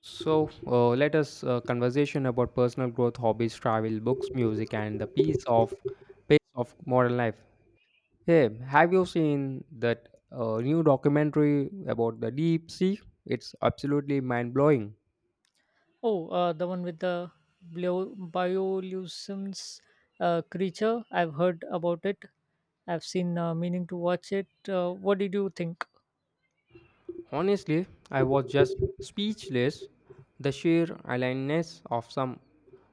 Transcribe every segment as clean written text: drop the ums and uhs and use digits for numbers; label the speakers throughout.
Speaker 1: So let us conversation about personal growth, hobbies, travel, books, music, and the piece of pace of modern life. Hey, have you seen that new documentary about the deep sea? It's absolutely mind blowing.
Speaker 2: Oh, the one with the bioluminescence creature. I've heard about it. I've seen meaning to watch it. What did you think?
Speaker 1: Honestly, I was just speechless. The sheer aliveness of some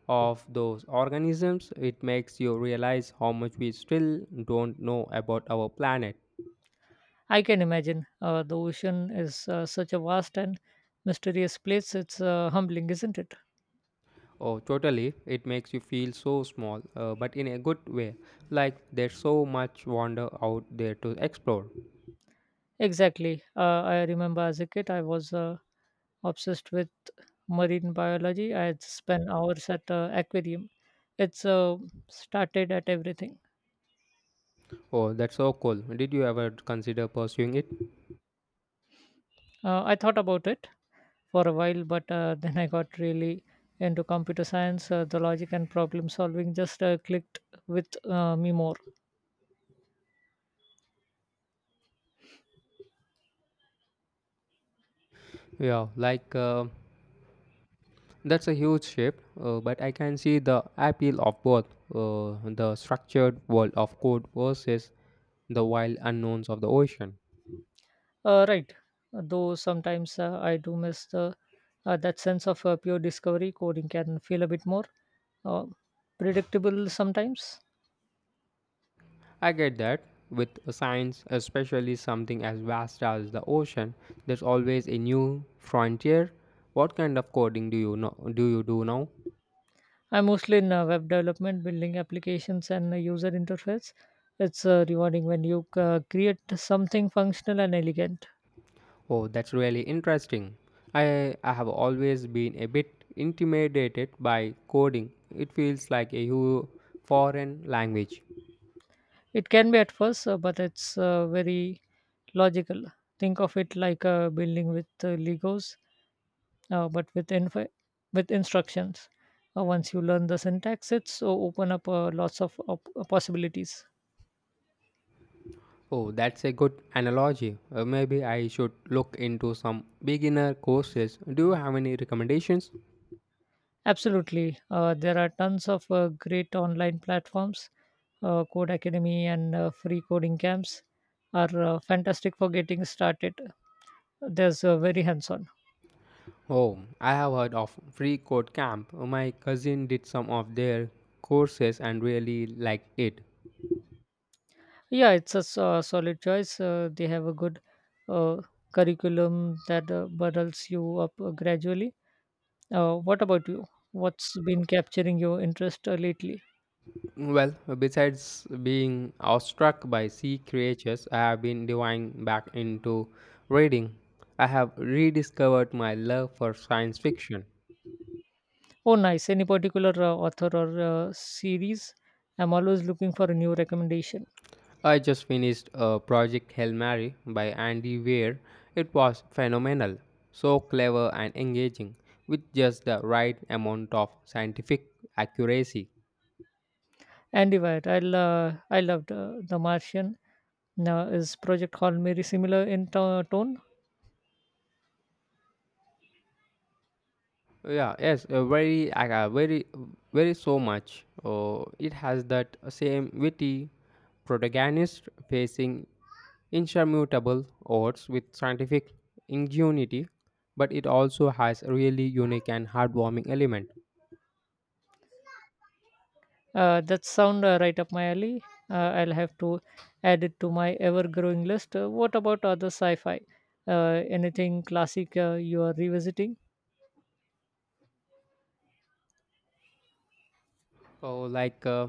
Speaker 1: of those organisms it makes you realize how much we still don't know about our planet.
Speaker 2: I can imagine. The ocean is such a vast and mysterious place. It's humbling, isn't it?
Speaker 1: Oh, totally. It makes you feel so small, but in a good way. Like there's so much wonder out there to explore.
Speaker 2: Exactly. I remember as a kid, I was obsessed with marine biology. I had spent hours at aquarium. It's started at everything.
Speaker 1: Oh, that's so cool. Did you ever consider pursuing it?
Speaker 2: I thought about it for a while, but then I got really into computer science. The logic and problem solving just clicked with me more.
Speaker 1: Yeah, like that's a huge shift, but I can see the appeal of both the structured world of code versus the wild unknowns of the ocean.
Speaker 2: Right, though sometimes I do miss the that sense of pure discovery. Coding can feel a bit more uh, predictable sometimes.
Speaker 1: I get that. With science, especially something as vast as the ocean, there's always a new frontier. What kind of coding do you do now?
Speaker 2: I'm mostly in web development, building applications and user interface. It's rewarding when you create something functional and elegant.
Speaker 1: Oh, that's really interesting. I have always been a bit intimidated by coding. It feels like a foreign language.
Speaker 2: It can be at first, but it's very logical. Think of it like a building with Legos, uh, but with info, with instructions. Once you learn the syntax, it's open up lots of possibilities.
Speaker 1: Oh, that's a good analogy. Maybe I should look into some beginner courses. Do you have any recommendations?
Speaker 2: Absolutely, there are tons of great online platforms. Code Academy and free coding camps are fantastic for getting started. There's very hands-on.
Speaker 1: Oh, I have heard of Free Code Camp. My cousin did some of their courses and really liked it.
Speaker 2: Yeah, it's a solid choice. They have a good uh, curriculum that bundles you up gradually. What about you? What's been capturing your interest lately?
Speaker 1: Well, besides being awestruck by sea creatures, I have been diving back into reading. I have rediscovered my love for science fiction.
Speaker 2: Oh, nice. Any particular author or series? I'm always looking for a new recommendation.
Speaker 1: I just finished Project Hail Mary by Andy Weir. It was phenomenal, so clever and engaging, with just the right amount of scientific accuracy.
Speaker 2: Andy White, I loved The Martian. Now, is Project Hail Mary similar in tone?
Speaker 1: Yeah, yes, very so much. Oh, it has that same witty protagonist facing insurmountable odds with scientific ingenuity, but it also has a really unique and heartwarming element.
Speaker 2: That sound right up my alley. I'll have to add it to my ever-growing list. What about other sci-fi? Anything classic you are revisiting?
Speaker 1: Oh,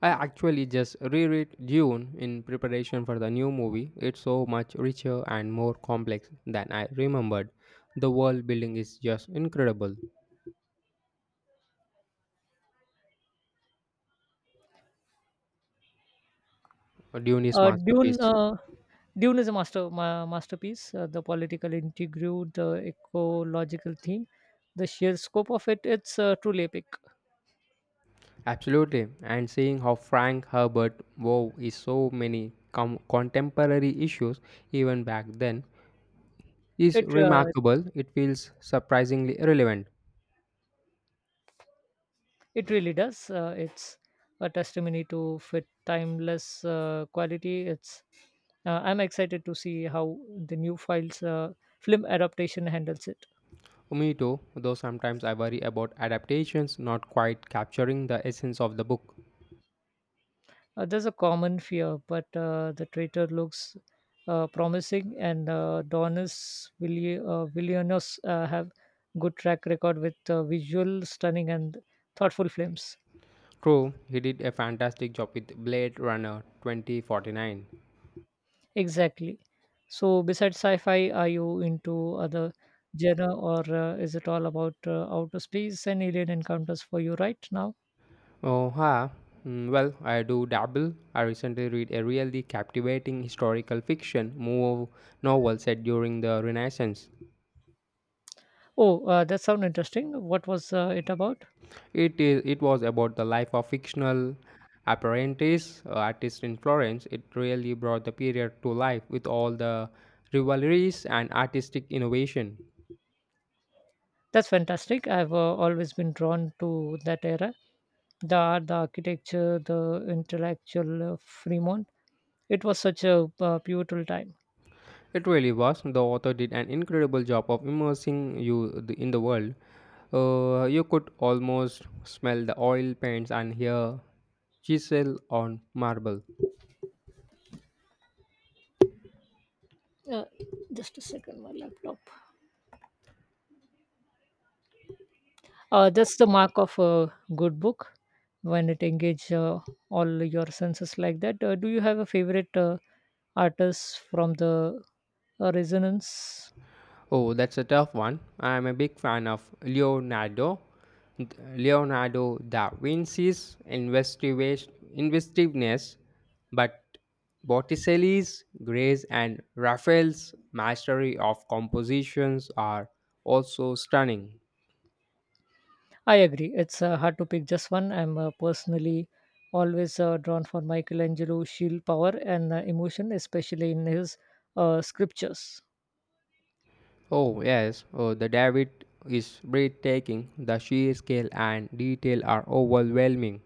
Speaker 1: I actually just reread Dune in preparation for the new movie. It's so much richer and more complex than I remembered. The world building is just incredible. Dune is
Speaker 2: Uh, Dune.
Speaker 1: masterpiece.
Speaker 2: Uh, Dune is a masterpiece. The political intrigue, the ecological theme, the sheer scope of it. It's truly epic.
Speaker 1: Absolutely, and seeing how Frank Herbert wove is so many contemporary issues even back then is
Speaker 2: It uh,
Speaker 1: remarkable. It feels surprisingly relevant.
Speaker 2: It really does. It's a testimony to fit timeless quality. It's I'm excited to see how the new files film adaptation handles it.
Speaker 1: Me too, though sometimes I worry about adaptations not quite capturing the essence of the book.
Speaker 2: There's a common fear, but the traitor looks promising, and Villeneuve have good track record with visual stunning and thoughtful films.
Speaker 1: True, he did a fantastic job with Blade Runner 2049.
Speaker 2: Exactly. So, besides sci-fi, are you into other genre, or is it all about outer space and alien encounters for you right now?
Speaker 1: Oh, ha. Mm, well, I do dabble. I recently read a really captivating historical fiction move novel set during the Renaissance.
Speaker 2: Oh, that sounds interesting. What was it about?
Speaker 1: It is. It was about the life of fictional apprentice artist in Florence. It really brought the period to life with all the rivalries and artistic innovation.
Speaker 2: That's fantastic. I've always been drawn to that era. The art, the architecture, the intellectual Fremont. It was such a pivotal time.
Speaker 1: It really was. The author did an incredible job of immersing you in the world. You could almost smell the oil paints and hear chisel on marble.
Speaker 2: Uh, just a second, my laptop. That's the mark of a good book when it engages all your senses like that. Do you have a favorite artist from the Resonance?
Speaker 1: Oh, that's a tough one. I'm a big fan of Leonardo. Leonardo da Vinci's inventiveness, but Botticelli's grace and Raphael's mastery of compositions are also stunning.
Speaker 2: I agree. It's hard to pick just one. I'm personally always drawn for Michelangelo. Sheer power and emotion, especially in his scriptures.
Speaker 1: Oh, yes, oh, the David is breathtaking. The sheer scale and detail are overwhelming.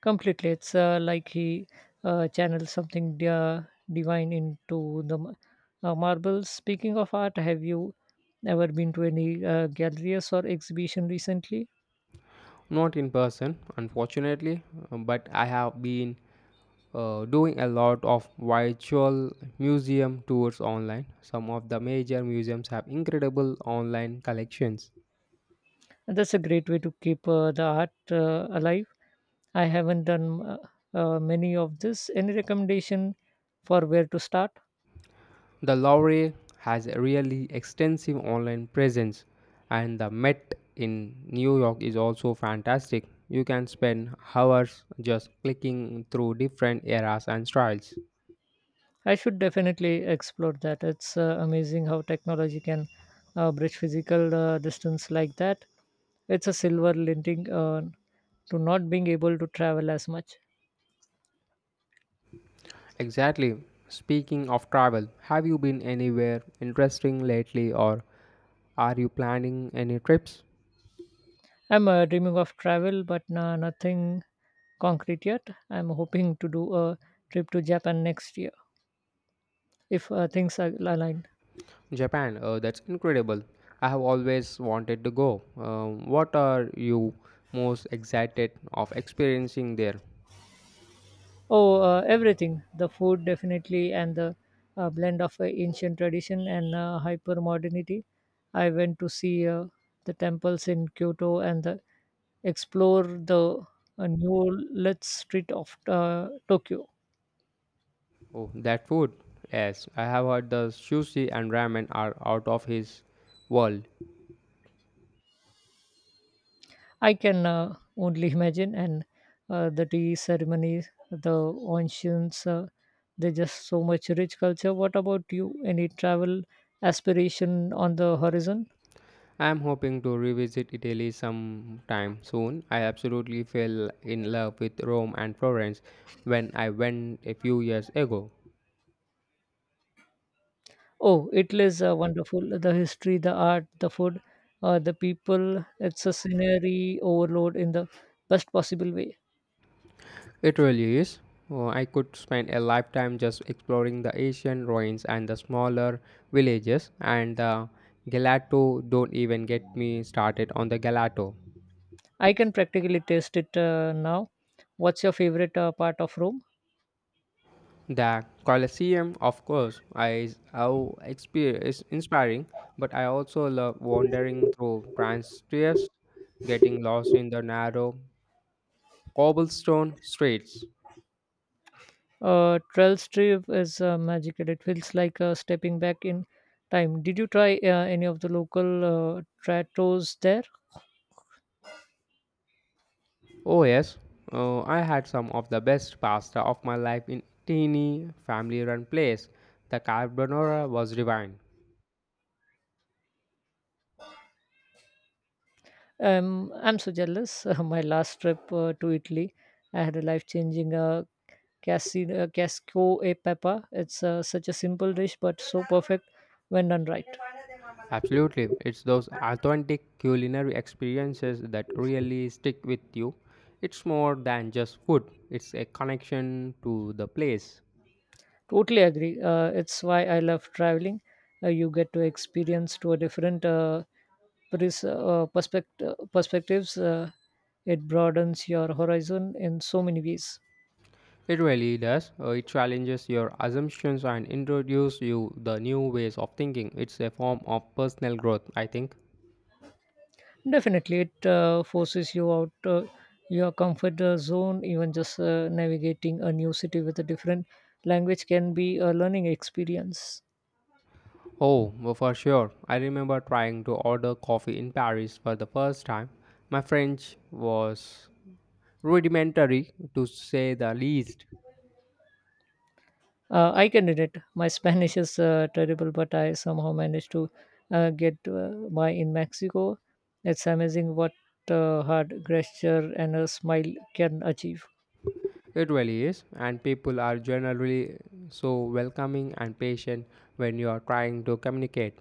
Speaker 2: Completely, it's like he channels something divine into the marbles. Speaking of art, have you ever been to any galleries or exhibition recently?
Speaker 1: Not in person, unfortunately, but I have been doing a lot of virtual museum tours online. Some of the major museums have incredible online collections.
Speaker 2: That's a great way to keep the art alive. I haven't done many of this. Any recommendation for where to start?
Speaker 1: The Louvre has a really extensive online presence, and the Met in New York is also fantastic. You can spend hours just clicking through different eras and styles.
Speaker 2: I should definitely explore that. It's amazing how technology can bridge physical distance like that. It's a silver linting. To not being able to travel as much.
Speaker 1: Exactly. Speaking of travel, have you been anywhere interesting lately or are you planning any trips?
Speaker 2: I'm dreaming of travel, but nothing concrete yet. I'm hoping to do a trip to Japan next year if things are aligned.
Speaker 1: Japan, that's incredible. I have always wanted to go. What are you most excited of experiencing there?
Speaker 2: Oh, everything the food, definitely, and the blend of ancient tradition and hyper modernity. I went to see the temples in Kyoto and the, explore the new let street of Tokyo.
Speaker 1: Oh, that food. Yes, I have heard the sushi and ramen are out of his world.
Speaker 2: I can only imagine. And the tea ceremonies, the ancients they're just so much rich culture. What about you? Any travel aspiration on the horizon?
Speaker 1: I am hoping to revisit Italy sometime soon. I absolutely fell in love with Rome and Florence when I went a few years ago.
Speaker 2: Oh, Italy is wonderful. The history, the art, the food, the people. It's a scenery overload in the best possible way.
Speaker 1: It really is. Oh, I could spend a lifetime just exploring the Asian ruins and the smaller villages, and the gelato don't even get me started on the gelato.
Speaker 2: I can practically taste it now. What's your favorite part of Rome?
Speaker 1: The Colosseum, of course, is is inspiring, but I also love wandering through Transtreves, getting lost in the narrow cobblestone streets.
Speaker 2: Trails Trip is magical. It feels like stepping back in time. Did you try any of the local trattos there?
Speaker 1: Oh, yes. I had some of the best pasta of my life in teeny family run place. The carbonara was divine.
Speaker 2: I'm so jealous. My last trip to Italy, I had a life-changing casco e peppa. It's such a simple dish, but so perfect when done right.
Speaker 1: Absolutely. It's those authentic culinary experiences that really stick with you. It's more than just food, it's a connection to the place.
Speaker 2: Totally agree. It's why I love traveling. You get to experience to a different perspectives. It broadens your horizon in so many ways.
Speaker 1: It really does. It challenges your assumptions and introduces you the new ways of thinking. It's a form of personal growth, I think.
Speaker 2: Definitely, it forces you out your comfort zone. Even just navigating a new city with a different language can be a learning experience.
Speaker 1: Oh, well, for sure. I remember trying to order coffee in Paris for the first time. My French was rudimentary, to say the least.
Speaker 2: I can relate. My Spanish is terrible, but I somehow managed to get by in Mexico. It's amazing what hard gesture and a smile can achieve.
Speaker 1: It really is, and people are generally so welcoming and patient when you are trying to communicate.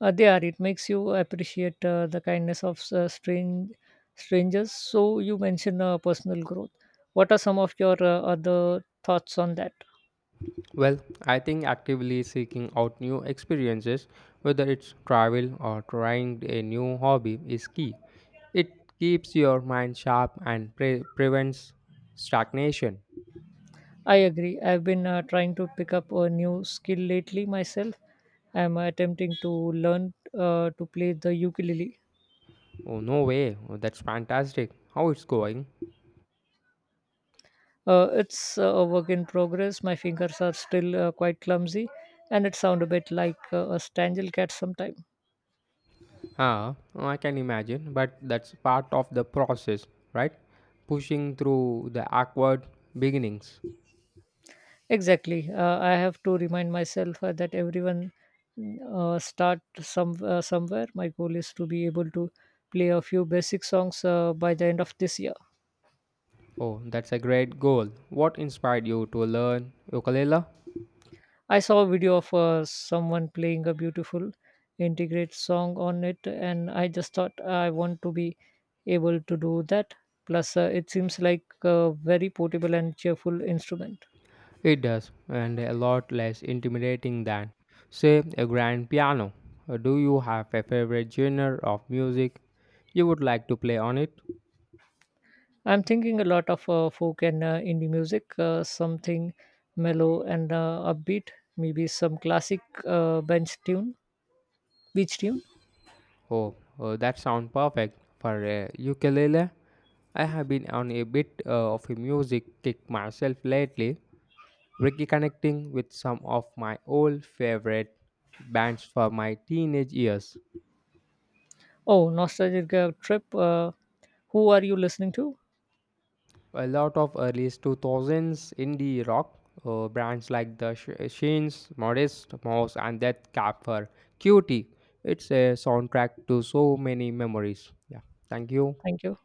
Speaker 2: They are. It makes you appreciate the kindness of strangers. So you mentioned personal growth. What are some of your other thoughts on that?
Speaker 1: Well, I think actively seeking out new experiences, whether it's travel or trying a new hobby, is key. It keeps your mind sharp and prevents stagnation.
Speaker 2: I agree. I've been trying to pick up a new skill lately myself. I'm attempting to learn to play the ukulele.
Speaker 1: Oh, no way. Oh, that's fantastic. How it's going?
Speaker 2: It's a work in progress. My fingers are still quite clumsy, and it sounds a bit like a strangle cat sometimes.
Speaker 1: Ah, I can imagine, but that's part of the process, right? Pushing through the awkward beginnings.
Speaker 2: Exactly. I have to remind myself that everyone start some somewhere. My goal is to be able to play a few basic songs by the end of this year.
Speaker 1: Oh, that's a great goal. What inspired you to learn ukulele?
Speaker 2: I saw a video of someone playing a beautiful integrate song on it, and I just thought I want to be able to do that. Plus, it seems like a very portable and cheerful instrument.
Speaker 1: It does, and a lot less intimidating than, say, a grand piano. Do you have a favorite genre of music you would like to play on it?
Speaker 2: I'm thinking a lot of folk and indie music, something mellow and upbeat, maybe some classic beach tune.
Speaker 1: Oh, that sounds perfect for a ukulele. I have been on a bit of a music kick myself lately, reconnecting with some of my old favorite bands from my teenage years.
Speaker 2: Oh, nostalgic trip. Who are you listening to?
Speaker 1: A lot of early 2000s indie rock bands like the Shanes, Modest Mouse, and Death Cab for Cutie. It's a soundtrack to so many memories. Yeah, thank you.
Speaker 2: Thank you.